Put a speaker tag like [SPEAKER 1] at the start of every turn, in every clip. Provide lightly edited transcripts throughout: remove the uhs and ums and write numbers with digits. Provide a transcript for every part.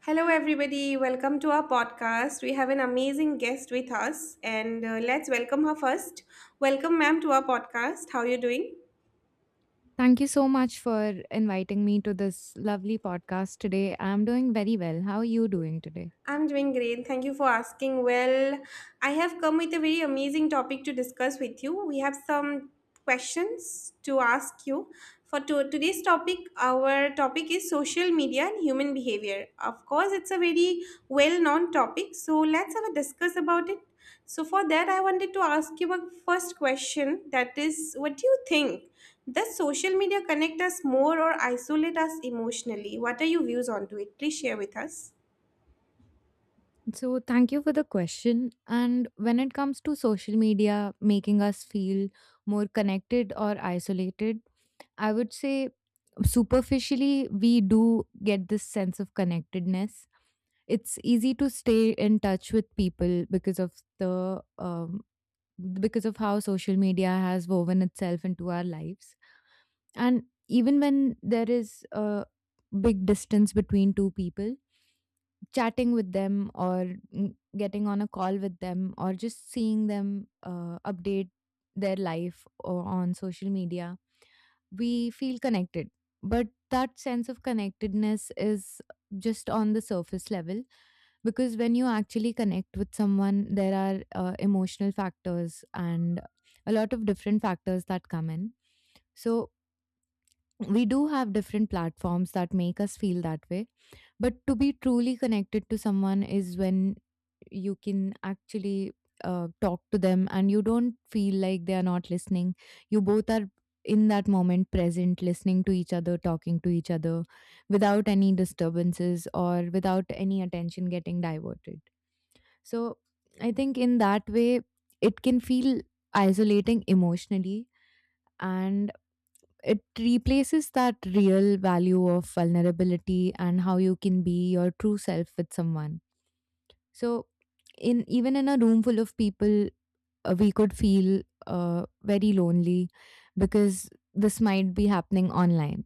[SPEAKER 1] Hello, everybody. Welcome to our podcast. We have an amazing guest with us, and let's welcome her first. Welcome, ma'am, to our podcast. How are you doing?
[SPEAKER 2] Thank you so much for inviting me to this lovely podcast today. I'm doing very well. How are you doing today?
[SPEAKER 1] I'm doing great. Thank you for asking. Well, I have come with a very amazing topic to discuss with you. We have some questions to ask you. For today's topic, our topic is social media and human behavior. Of course, it's a very well-known topic, so let's have a discuss about it. So for that, I wanted to ask you a first question. That is, what do you think? Does social media connect us more or isolate us emotionally? What are your views on to it? Please share with us.
[SPEAKER 2] So, thank you for the question. And when it comes to social media making us feel more connected or isolated, I would say superficially we do get this sense of connectedness. It's easy to stay in touch with people because of the because of how social media has woven itself into our lives, and even when there is a big distance between two people, chatting with them or getting on a call with them or just seeing them update their life or on social media, we feel connected. But that sense of connectedness is just on the surface level, because when you actually connect with someone, there are emotional factors and a lot of different factors that come in. So we do have different platforms that make us feel that way, but to be truly connected to someone is when you can actually talk to them and you don't feel like they are not listening. You both are in that moment present, listening to each other, talking to each other without any disturbances or without any attention getting diverted. So I think in that way, it can feel isolating emotionally, and it replaces that real value of vulnerability and how you can be your true self with someone. So in, even in a room full of people, we could feel very lonely, because this might be happening online.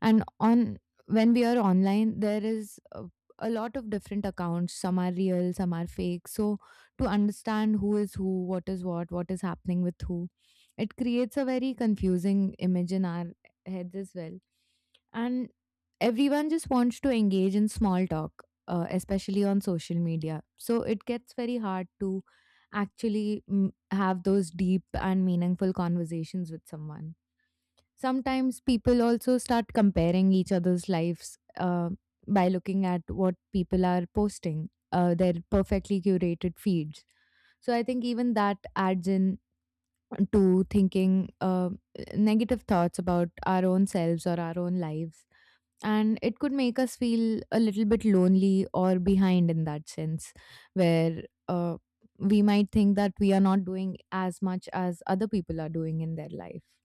[SPEAKER 2] And on, when we are online, there is a lot of different accounts, some are real, some are fake. So to understand who is who, what is what is happening with who, it creates a very confusing image in our heads as well. And everyone just wants to engage in small talk, especially on social media, so it gets very hard to actually have those deep and meaningful conversations with someone. Sometimes people also start comparing each other's lives by looking at what people are posting, their perfectly curated feeds. So I think even that adds in to thinking negative thoughts about our own selves or our own lives. And it could make us feel a little bit lonely or behind in that sense, where we might think that we are not doing as much as other people are doing in their life.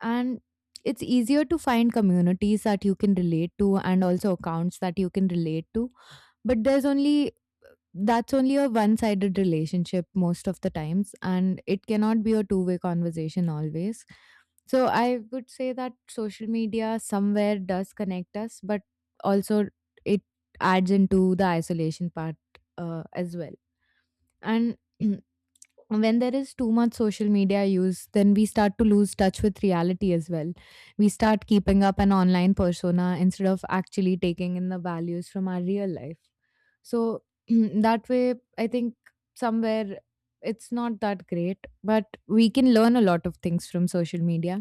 [SPEAKER 2] And it's easier to find communities that you can relate to and also accounts that you can relate to, but there's only that's only a one sided relationship most of the times, and it cannot be a two-way conversation always. So I would say that social media somewhere does connect us, but also it adds into the isolation part, as well. And when there is too much social media use, then we start to lose touch with reality as well. We start keeping up an online persona instead of actually taking in the values from our real life. So that way, I think somewhere it's not that great, but we can learn a lot of things from social media.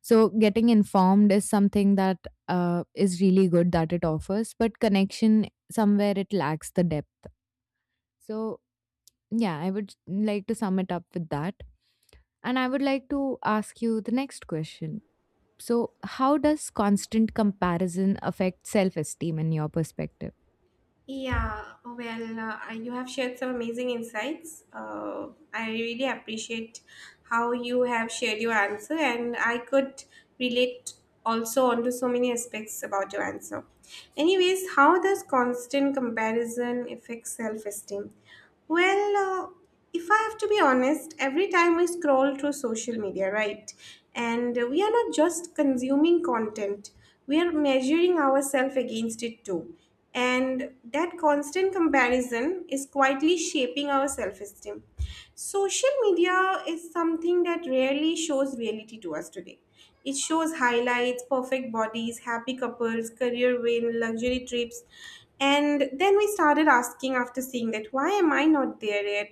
[SPEAKER 2] So getting informed is something that is really good that it offers, but connection somewhere it lacks the depth. So yeah, I would like to sum it up with that. And I would like to ask you the next question. So, how does constant comparison affect self esteem in your perspective?
[SPEAKER 1] Yeah, oh, well, you have shared some amazing insights. I really appreciate how you have shared your answer, and I could relate also onto so many aspects about your answer. Anyways, how does constant comparison affect self esteem? Well, if I have to be honest, every time we scroll through social media, right? And we are not just consuming content, we are measuring ourselves against it too. And that constant comparison is quietly shaping our self esteem. Social media is something that rarely shows reality to us today. It shows highlights, perfect bodies, happy couples, career win, luxury trips. And then we started asking after seeing that, why am I not there yet?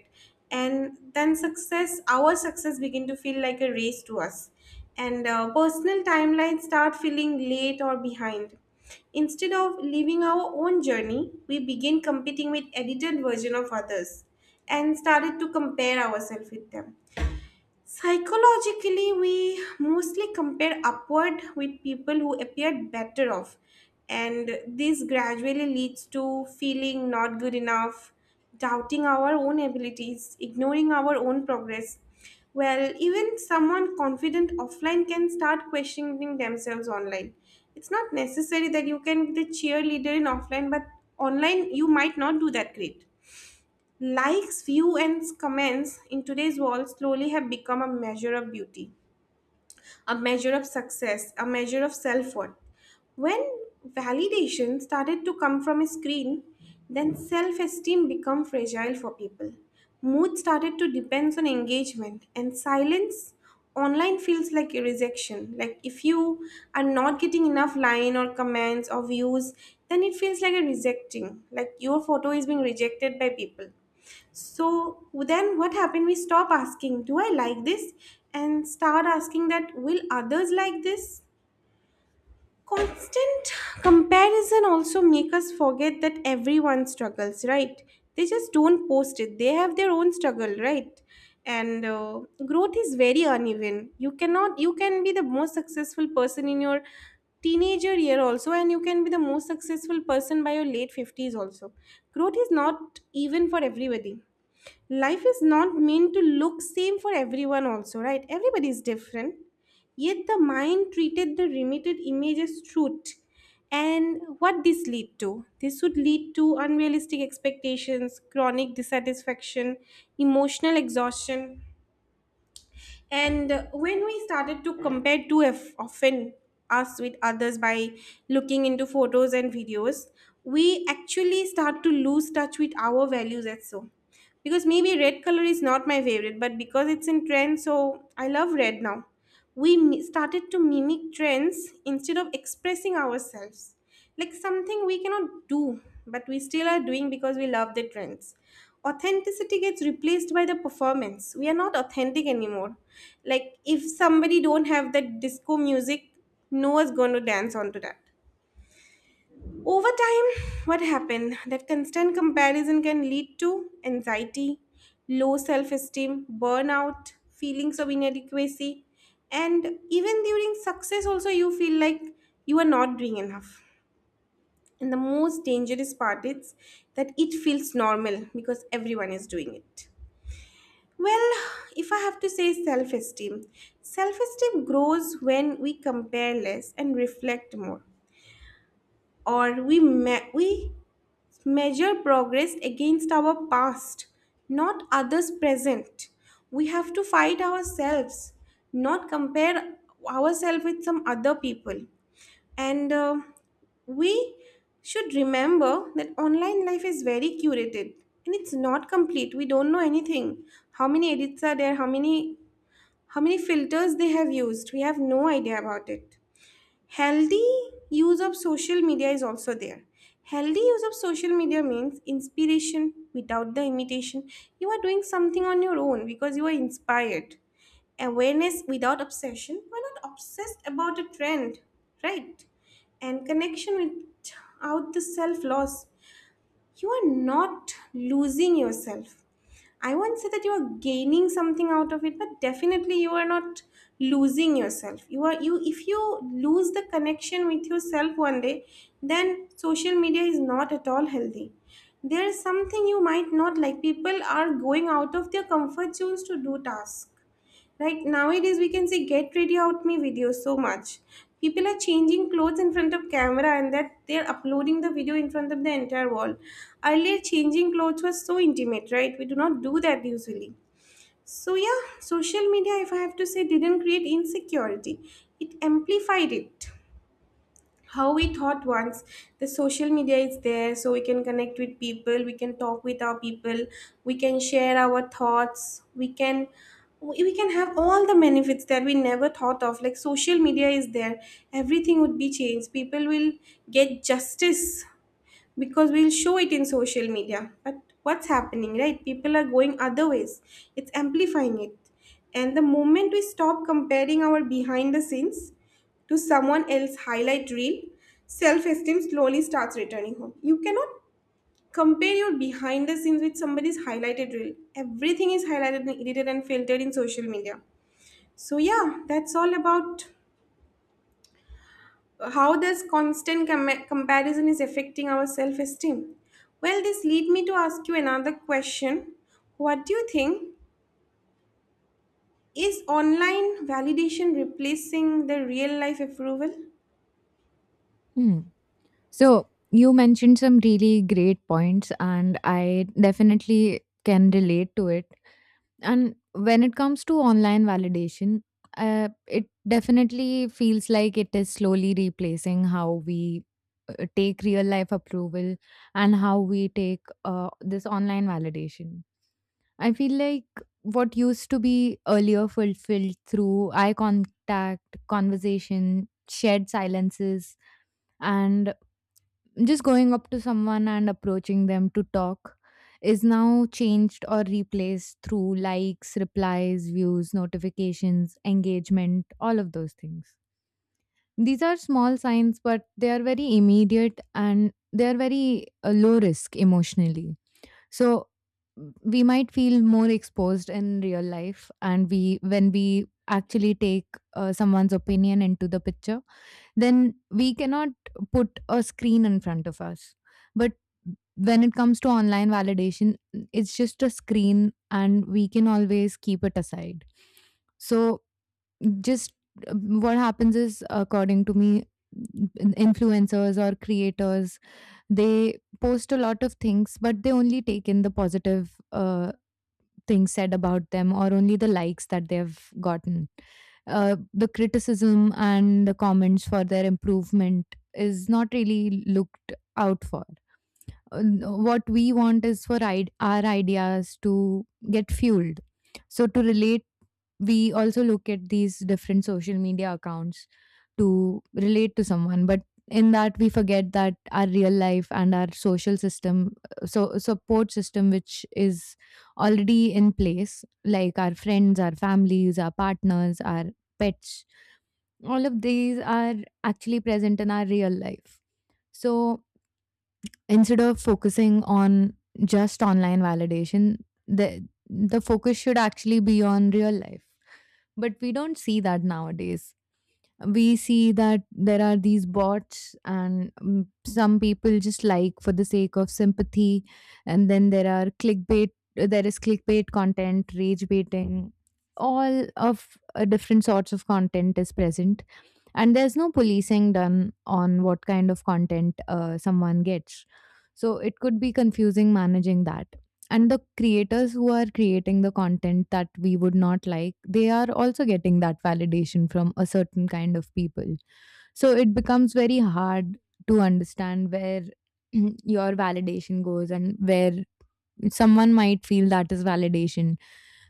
[SPEAKER 1] And then success, our success begin to feel like a race to us, and personal timelines start feeling late or behind. Instead of living our own journey, we begin competing with edited version of others and started to compare ourselves with them. Psychologically, we mostly compare upward with people who appeared better off, and this gradually leads to feeling not good enough, doubting our own abilities, ignoring our own progress. Well, even someone confident offline can start questioning themselves online. It's not necessary that you can be the cheerleader in offline, but online you might not do that great. Likes, views, and comments in today's world slowly have become a measure of beauty, a measure of success, a measure of self worth. When validation started to come from a screen, then self esteem became fragile for people. Mood started to depend on engagement, and silence online feels like a rejection. Like if you are not getting enough line or comments or views, then it feels like a rejecting. Like your photo is being rejected by people. So then what happened? We stop asking, do I like this? And start asking that, will others like this? Constant comparison also make us forget that everyone struggles, right? They just don't post it. They have their own struggle, right? And growth is very uneven. You cannot, you can be the most successful person in your teenager year also, and you can be the most successful person by your late 50s also. Growth is not even for everybody. Life is not meant to look same for everyone also, right? Everybody is different, yet the mind treated the limited image as truth. And what this lead to, this would lead to unrealistic expectations, chronic dissatisfaction, emotional exhaustion. And when we started to compare too often us with others by looking into photos and videos, we actually start to lose touch with our values as so. Because maybe red color is not my favorite, but because it's in trend, so I love red now. Started to mimic trends instead of expressing ourselves, like something we cannot do but we still are doing because we love the trends. Authenticity gets replaced by the performance. We are not authentic anymore. Like if somebody don't have that disco music, no one's going to dance onto that. Over time, what happened? That constant comparison can lead to anxiety, low self esteem, burnout, feelings of inadequacy, and even during success, also you feel like you are not doing enough. And the most dangerous part is that it feels normal because everyone is doing it. Well, if I have to say self esteem grows when we compare less and reflect more, or we measure progress against our past, not others' present. We have to fight ourselves, not compare ourselves with some other people. And we should remember that online life is very curated and it's not complete. We don't know anything. How many edits are there? How many filters they have used? We have no idea about it. Healthy use of social media is also there. Healthy use of social media means inspiration without the imitation. You are doing something on your own because you are inspired. Awareness without obsession, we're not obsessed about a trend, right? And connection without the self loss, you are not losing yourself. I won't say that you are gaining something out of it, but definitely you are not losing yourself. You are you. If you lose the connection with yourself 1 day, then social media is not at all healthy. There is something you might not like. People are going out of their comfort zones to do tasks. Right nowadays, we can see get ready out me videos so much. People are changing clothes in front of camera and that they're uploading the video in front of the entire wall. Earlier, changing clothes was so intimate, right? We do not do that usually. So, yeah, social media, if I have to say, didn't create insecurity, it amplified it. How we thought once, the social media is there so we can connect with people, we can talk with our people, we can share our thoughts, we can, we can have all the benefits that we never thought of, like social media is there, everything would be changed, people will get justice because we'll show it in social media. But what's happening, right? People are going other ways. It's amplifying it. And the moment we stop comparing our behind the scenes to someone else highlight reel, self-esteem slowly starts returning home. You cannot compare your behind the scenes with somebody's highlighted reel. Everything is highlighted and edited and filtered in social media. So yeah, that's all about how this constant comparison is affecting our self esteem. Well, this lead me to ask you another question. What do you think? Is online validation replacing the real life approval?
[SPEAKER 2] Hmm. So, you mentioned some really great points, and I definitely can relate to it. And when it comes to online validation, it definitely feels like it is slowly replacing how we take real life approval and how we take this online validation. I feel like what used to be earlier fulfilled through eye contact, conversation, shared silences, and just going up to someone and approaching them to talk is now changed or replaced through likes, replies, views, notifications, engagement, all of those things. These are small signs, but they are very immediate and they are very low risk emotionally. So we might feel more exposed in real life, and we when we actually take someone's opinion into the picture, then we cannot put a screen in front of us. But when it comes to online validation, it's just a screen and we can always keep it aside. So, just what happens is, according to me, influencers or creators, they post a lot of things, but they only take in the positive things said about them or only the likes that they've gotten. The criticism and the comments for their improvement is not really looked out for. What we want is for our ideas to get fueled. So, to relate, we also look at these different social media accounts to relate to someone. But in that, we forget that our real life and our social system, so support system, which is already in place, like our friends, our families, our partners, our pets, all of these are actually present in our real life. So, instead of focusing on just online validation, the focus should actually be on real life. But we don't see that nowadays. We see that there are these bots, and some people just like for the sake of sympathy, and then there are clickbait. There is clickbait content, rage baiting, all of different sorts of content is present, and there's no policing done on what kind of content someone gets. So it could be confusing managing that, and the creators who are creating the content that we would not like, they are also getting that validation from a certain kind of people. So it becomes very hard to understand where your validation goes and where someone might feel that is validation.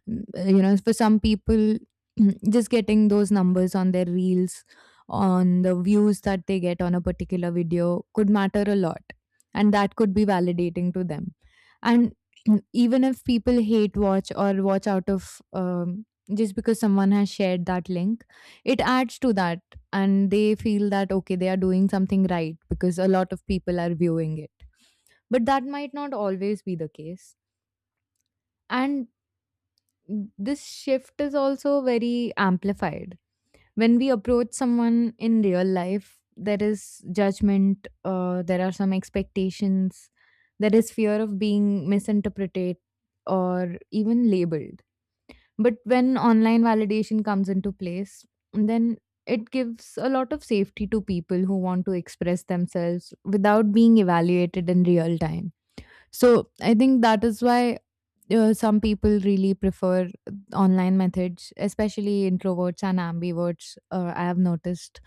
[SPEAKER 2] Mm, you know, for some people, just getting those numbers on their reels, on the views that they get on a particular video, could matter a lot. And that could be validating to them. And even if people hate watch or watch out of, just because someone has shared that link, it adds to that. And they feel that, okay, they are doing something right because a lot of people are viewing it, but that might not always be the case. And this shift is also very amplified. When we approach someone in real life, there is judgment, there are some expectations, there is fear of being misinterpreted or even labeled. But when online validation comes into place, then it gives a lot of safety to people who want to express themselves without being evaluated in real time. So I think that is why some people really prefer online methods, especially introverts and ambiverts. I have noticed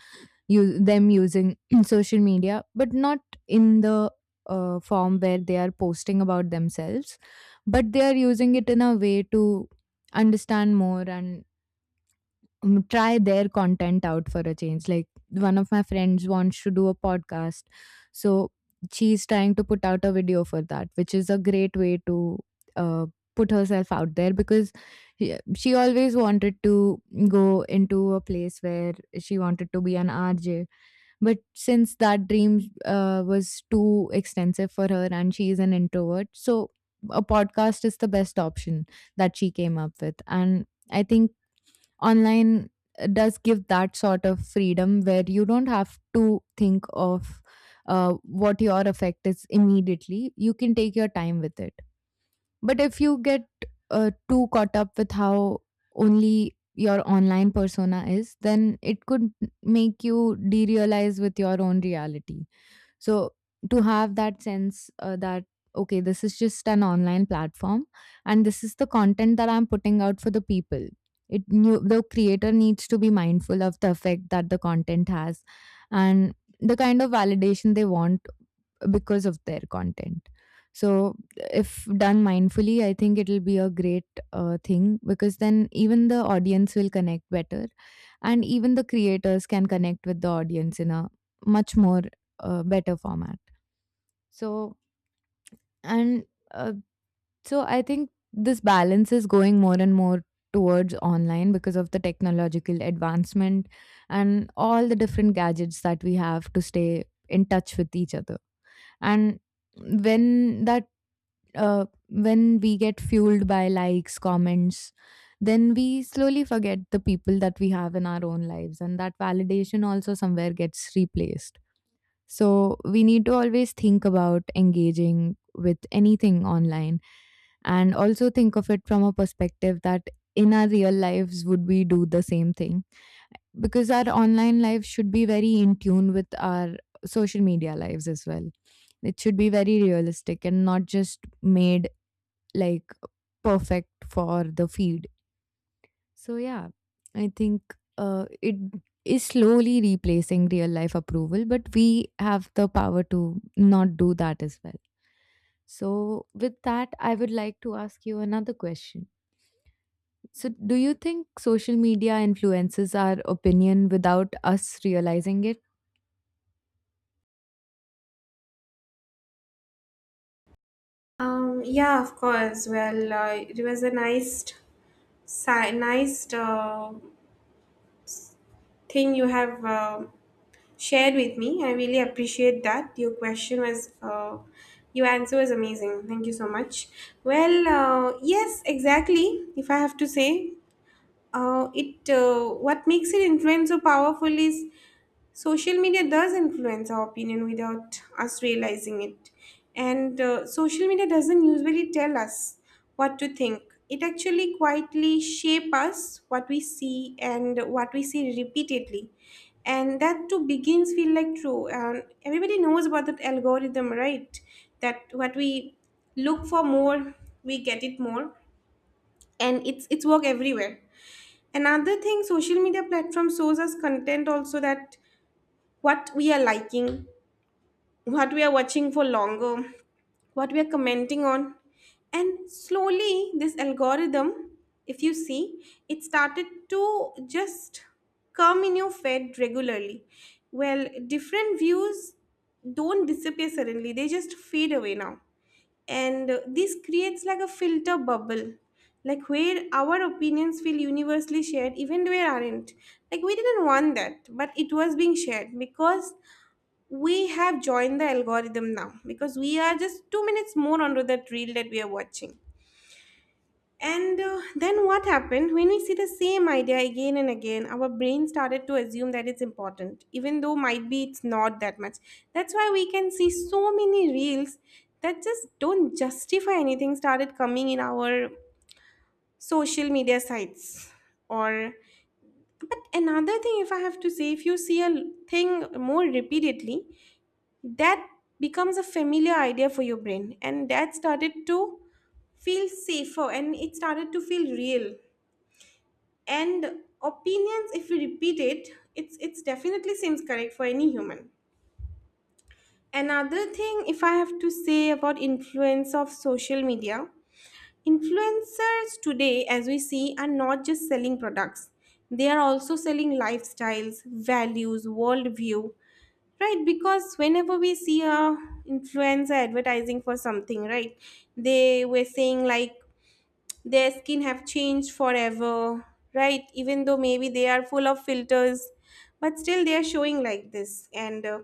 [SPEAKER 2] you them using social media, but not in the form where they are posting about themselves, but they are using it in a way to understand more and try their content out for a change. Like one of my friends wants to do a podcast, so she's trying to put out a video for that, which is a great way to uh, put herself out there, because she always wanted to go into a place where she wanted to be an RJ, but since that dream was too extensive for her and she is an introvert, so a podcast is the best option that she came up with. And I think online does give that sort of freedom where you don't have to think of what your effect is immediately. You can take your time with it. But if you get too caught up with how only your online persona is, then it could make you derealize with your own reality. So to have that sense that okay, this is just an online platform, and this is the content that I'm putting out for the people. It knew, the creator needs to be mindful of the effect that the content has, and the kind of validation they want because of their content. So if done mindfully, I think it'll be a great thing, because then even the audience will connect better, and even the creators can connect with the audience in a much more better format. So and uh, so I think this balance is going more and more towards online because of the technological advancement and all the different gadgets that we have to stay in touch with each other. And when that, when we get fueled by likes, comments, then we slowly forget the people that we have in our own lives, and that validation also somewhere gets replaced. So we need to always think about engaging with anything online and also think of it from a perspective that in our real lives would we do the same thing, because our online life should be very in tune with our social media lives as well. It should be very realistic and not just made like perfect for the feed. So yeah, I think it is slowly replacing real life approval, but we have the power to not do that as well. So with that, I would like to ask you another question. So do you think social media influences our opinion without us realizing it?
[SPEAKER 1] Yeah, of course. Well, it was a nice, nice thing you have shared with me. I really appreciate that. Your question was, your answer was amazing. Thank you so much. Well, yes, exactly. If I have to say, it what makes it influence so powerful is social media does influence our opinion without us realizing it. And social media doesn't usually tell us what to think. It actually quietly shape us what we see, and what we see repeatedly, and that too begins feel like true. And everybody knows about that algorithm, right? That what we look for more, we get it more. And it's work everywhere. Another thing, social media platform shows us content also that what we are liking, what we are watching for longer, what we are commenting on. And slowly, this algorithm, if you see, it started to just come in your feed regularly. Well, different views don't disappear suddenly, they just fade away now. And this creates like a filter bubble, like where our opinions feel universally shared even where aren't, like we didn't want that but it was being shared because we have joined the algorithm now because we are just 2 minutes more onto that reel that we are watching. And then what happened? When we see the same idea again and again, our brain started to assume that it's important, even though might be it's not that much. That's why we can see so many reels that just don't justify anything started coming in our social media sites. Or, but another thing, if I have to say, if you see thing more repeatedly, that becomes a familiar idea for your brain, and that started to feel safer and it started to feel real. And opinions, if we repeat it, it's definitely seems correct for any human. Another thing if I have to say about influence of social media: influencers today, as we see, are not just selling products, they are also selling lifestyles, values, worldview. Right? Because whenever we see a influencer advertising for something, right, they were saying like their skin have changed forever, right, even though maybe they are full of filters, but still they are showing like this. And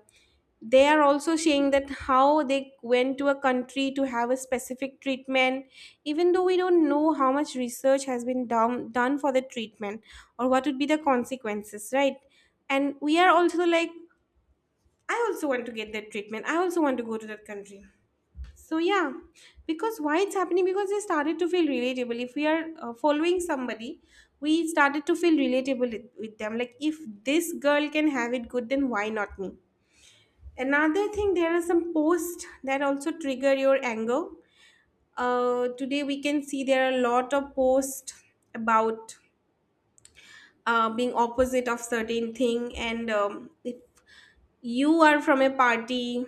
[SPEAKER 1] they are also saying that how they went to a country to have a specific treatment, even though we don't know how much research has been done for the treatment, or what would be the consequences, right? And we are also like, I also want to get that treatment, I also want to go to that country. So yeah, because why it's happening? Because they started to feel relatable. If we are following somebody, we started to feel relatable with them. Like if this girl can have it good, then why not me? Another thing, there are some posts that also trigger your anger. Today we can see there are a lot of posts about being opposite of certain thing, and if you are from a party,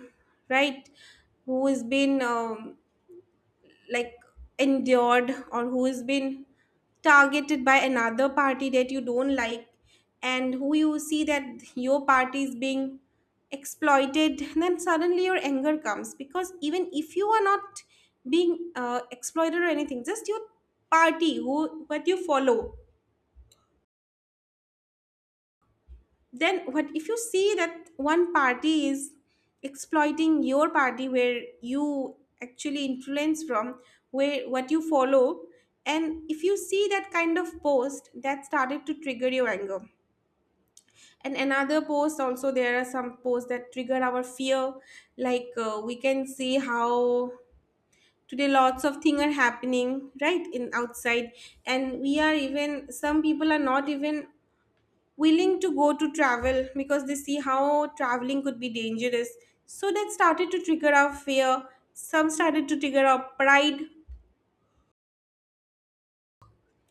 [SPEAKER 1] right? Who has been like endured, or who has been targeted by another party that you don't like, and who you see that your party is being exploited, then suddenly your anger comes, because even if you are not being exploited or anything, just your party, who what you follow, then what if you see that one party is exploiting your party, where you actually influence from, where what you follow, and if you see that kind of post, that started to trigger your anger. And another post, also there are some posts that trigger our fear, like we can see how today lots of things are happening, right, in outside, and we are, even some people are not even willing to go to travel, because they see how traveling could be dangerous. So that started to trigger our fear. Some started to trigger our pride.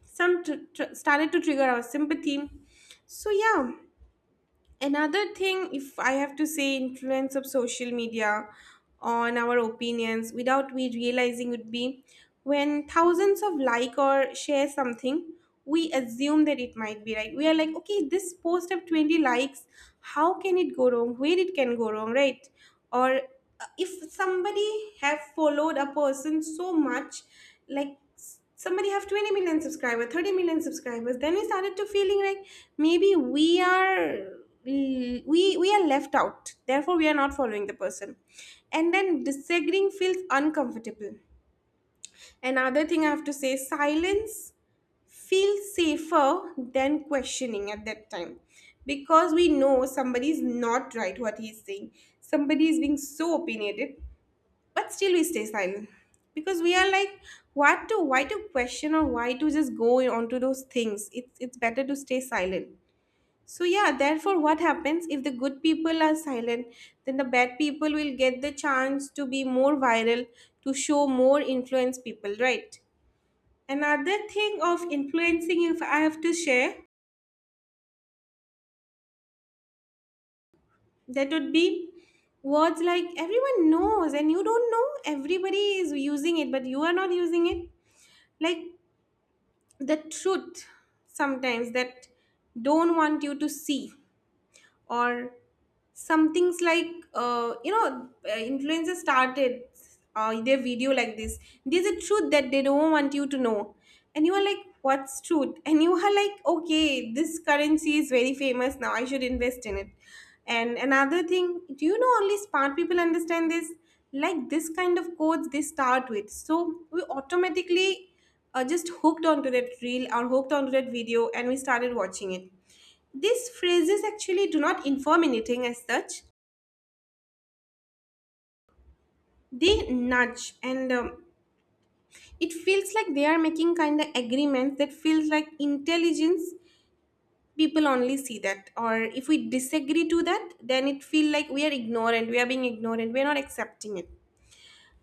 [SPEAKER 1] Some started to trigger our sympathy. So yeah, another thing, if I have to say, influence of social media on our opinions without we realizing, would be when thousands of like or share something, we assume that it might be right. We are like, okay, this post have 20 likes. How can it go wrong? Where it can go wrong, right? Or if somebody have followed a person so much, like somebody have 20 million subscribers, 30 million subscribers, then we started to feeling like maybe we are, we are left out, therefore we are not following the person. And then disagreeing feels uncomfortable. Another thing I have to say, silence feels safer than questioning at that time, because we know somebody is not right what he's saying, somebody is being so opinionated, but still we stay silent, because we are like, what to, why to question, or why to just go on to those things, it's better to stay silent. So yeah, therefore what happens, if the good people are silent, then the bad people will get the chance to be more viral, to show more influence people, right? Another thing of influencing, if I have to share, that would be words like, everyone knows and you don't know, everybody is using it but you are not using it, like the truth sometimes that don't want you to see, or some things like, influencers started their video like this, there's a truth that they don't want you to know, and you are like, what's truth? And you are like, okay, this currency is very famous now, I should invest in it. And another thing, do you know, only smart people understand this, like this kind of codes they start with, so we automatically just hooked onto that reel or hooked onto that video, and we started watching it. These phrases actually do not inform anything as such. They nudge, and it feels like they are making kind of agreements that feels like intelligence. People only see that, or if we disagree to that, then it feel like we are ignorant. We are being ignorant. We are not accepting it.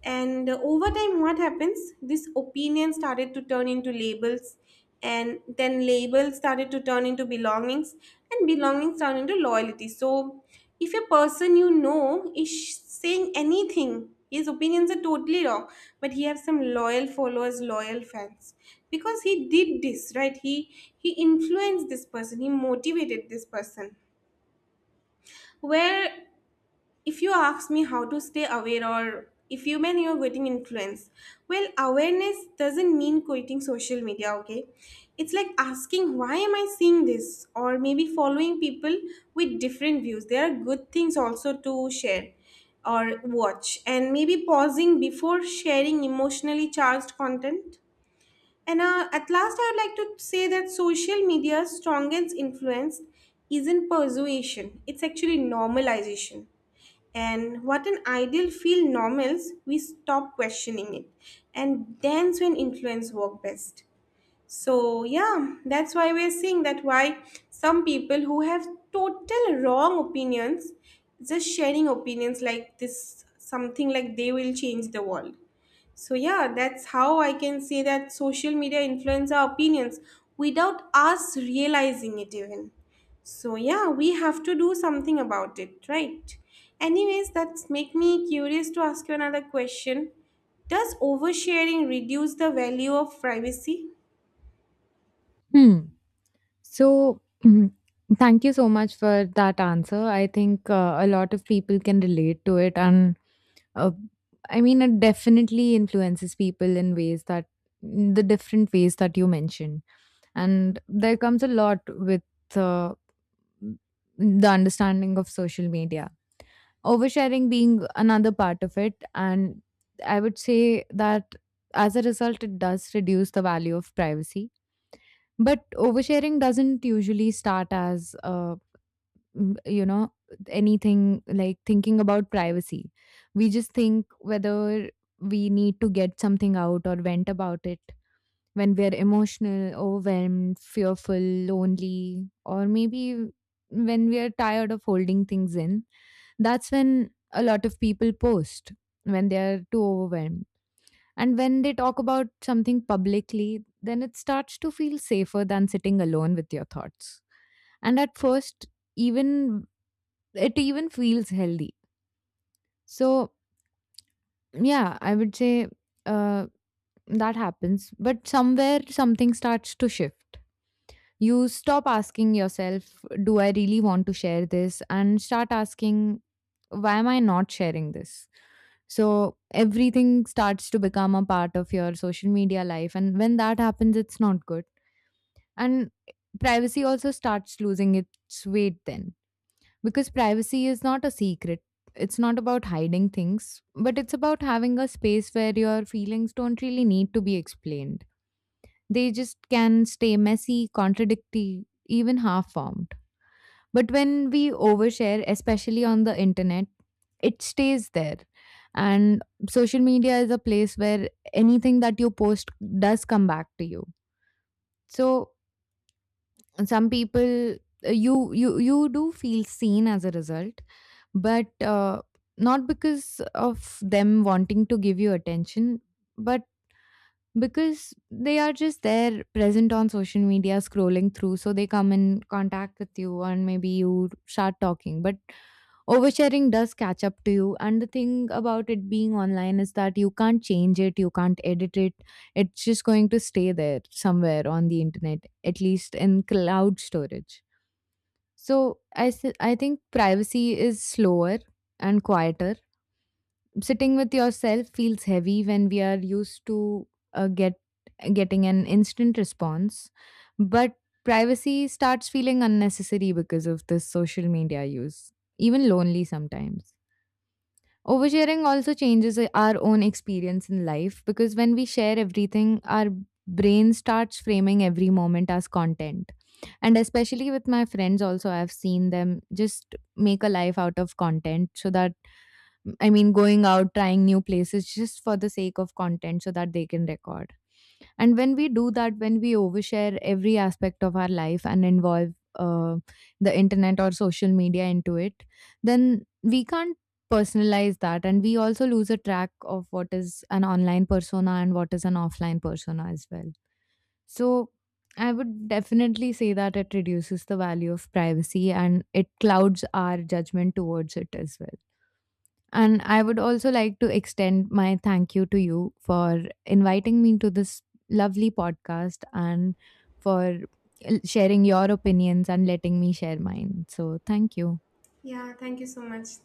[SPEAKER 1] And over time, what happens? This opinion started to turn into labels, and then labels started to turn into belongings, and belongings turned into loyalty. So, if a person you know is saying anything, his opinions are totally wrong, but he has some loyal followers, loyal fans, because he did this, right. He influenced this person. He motivated this person. Where, if you ask me how to stay aware or if you mean you're getting influence, well, awareness doesn't mean quitting social media, okay. It's like asking, why am I seeing this, or maybe following people with different views, there are good things also to share or watch, and maybe pausing before sharing emotionally charged content. And at last, I would like to say that social media's strongest influence isn't persuasion, it's actually normalization. And what an ideal feel normals, we stop questioning it, and dance when influence work best. So yeah, that's why we're seeing that, why some people who have total wrong opinions, just sharing opinions like this, something like they will change the world. So, yeah, that's how I can say that social media influence our opinions without us realizing it, even. So, yeah, we have to do something about it, right? Anyways, that's make me curious to ask you another question. Does oversharing reduce the value of privacy?
[SPEAKER 2] Hmm. So, mhm, thank you so much for that answer. I think a lot of people can relate to it, and uh, I mean, it definitely influences people in ways that the different ways that you mentioned. And there comes a lot with uh, the understanding of social media, oversharing being another part of it. And I would say that as a result, it does reduce the value of privacy, but oversharing doesn't usually start as, you know, anything like thinking about privacy. We just think whether we need to get something out or vent about it when we're emotional, overwhelmed, fearful, lonely, or maybe when we are tired of holding things in. That's when a lot of people post, when they are too overwhelmed, and when they talk about something publicly, then it starts to feel safer than sitting alone with your thoughts. And at first, even it even feels healthy. So, yeah, I would say uh, that happens. But somewhere something starts to shift. You stop asking yourself, do I really want to share this? And start asking, why am I not sharing this? So everything starts to become a part of your social media life. And when that happens, it's not good. And privacy also starts losing its weight then, because privacy is not a secret. It's not about hiding things, but it's about having a space where your feelings don't really need to be explained. They just can stay messy, contradictory, even half formed. But when we overshare, especially on the internet, it stays there, and social media is a place where anything that you post does come back to you. So some people, you do feel seen as a result, but not because of them wanting to give you attention, but because they are just there present on social media scrolling through, so they come in contact with you and maybe you start talking. But oversharing does catch up to you, and the thing about it being online is that you can't change it, you can't edit it. It's just going to stay there somewhere on the internet, at least in cloud storage. So I think privacy is slower and quieter. Sitting with yourself feels heavy when we are used to uh, get getting an instant response, but privacy starts feeling unnecessary because of this social media use, even lonely sometimes. Oversharing also changes our own experience in life, because when we share everything, our brain starts framing every moment as content. And especially with my friends, also, I've seen them just make a life out of content, so that I mean, going out, trying new places just for the sake of content so that they can record. And when we do that, when we overshare every aspect of our life and involve the internet or social media into it, then we can't personalize that. And we also lose a track of what is an online persona and what is an offline persona as well. So I would definitely say that it reduces the value of privacy and it clouds our judgment towards it as well. And I would also like to extend my thank you to you for inviting me to this lovely podcast and for sharing your opinions and letting me share mine. So, thank you.
[SPEAKER 1] Yeah, thank you so much.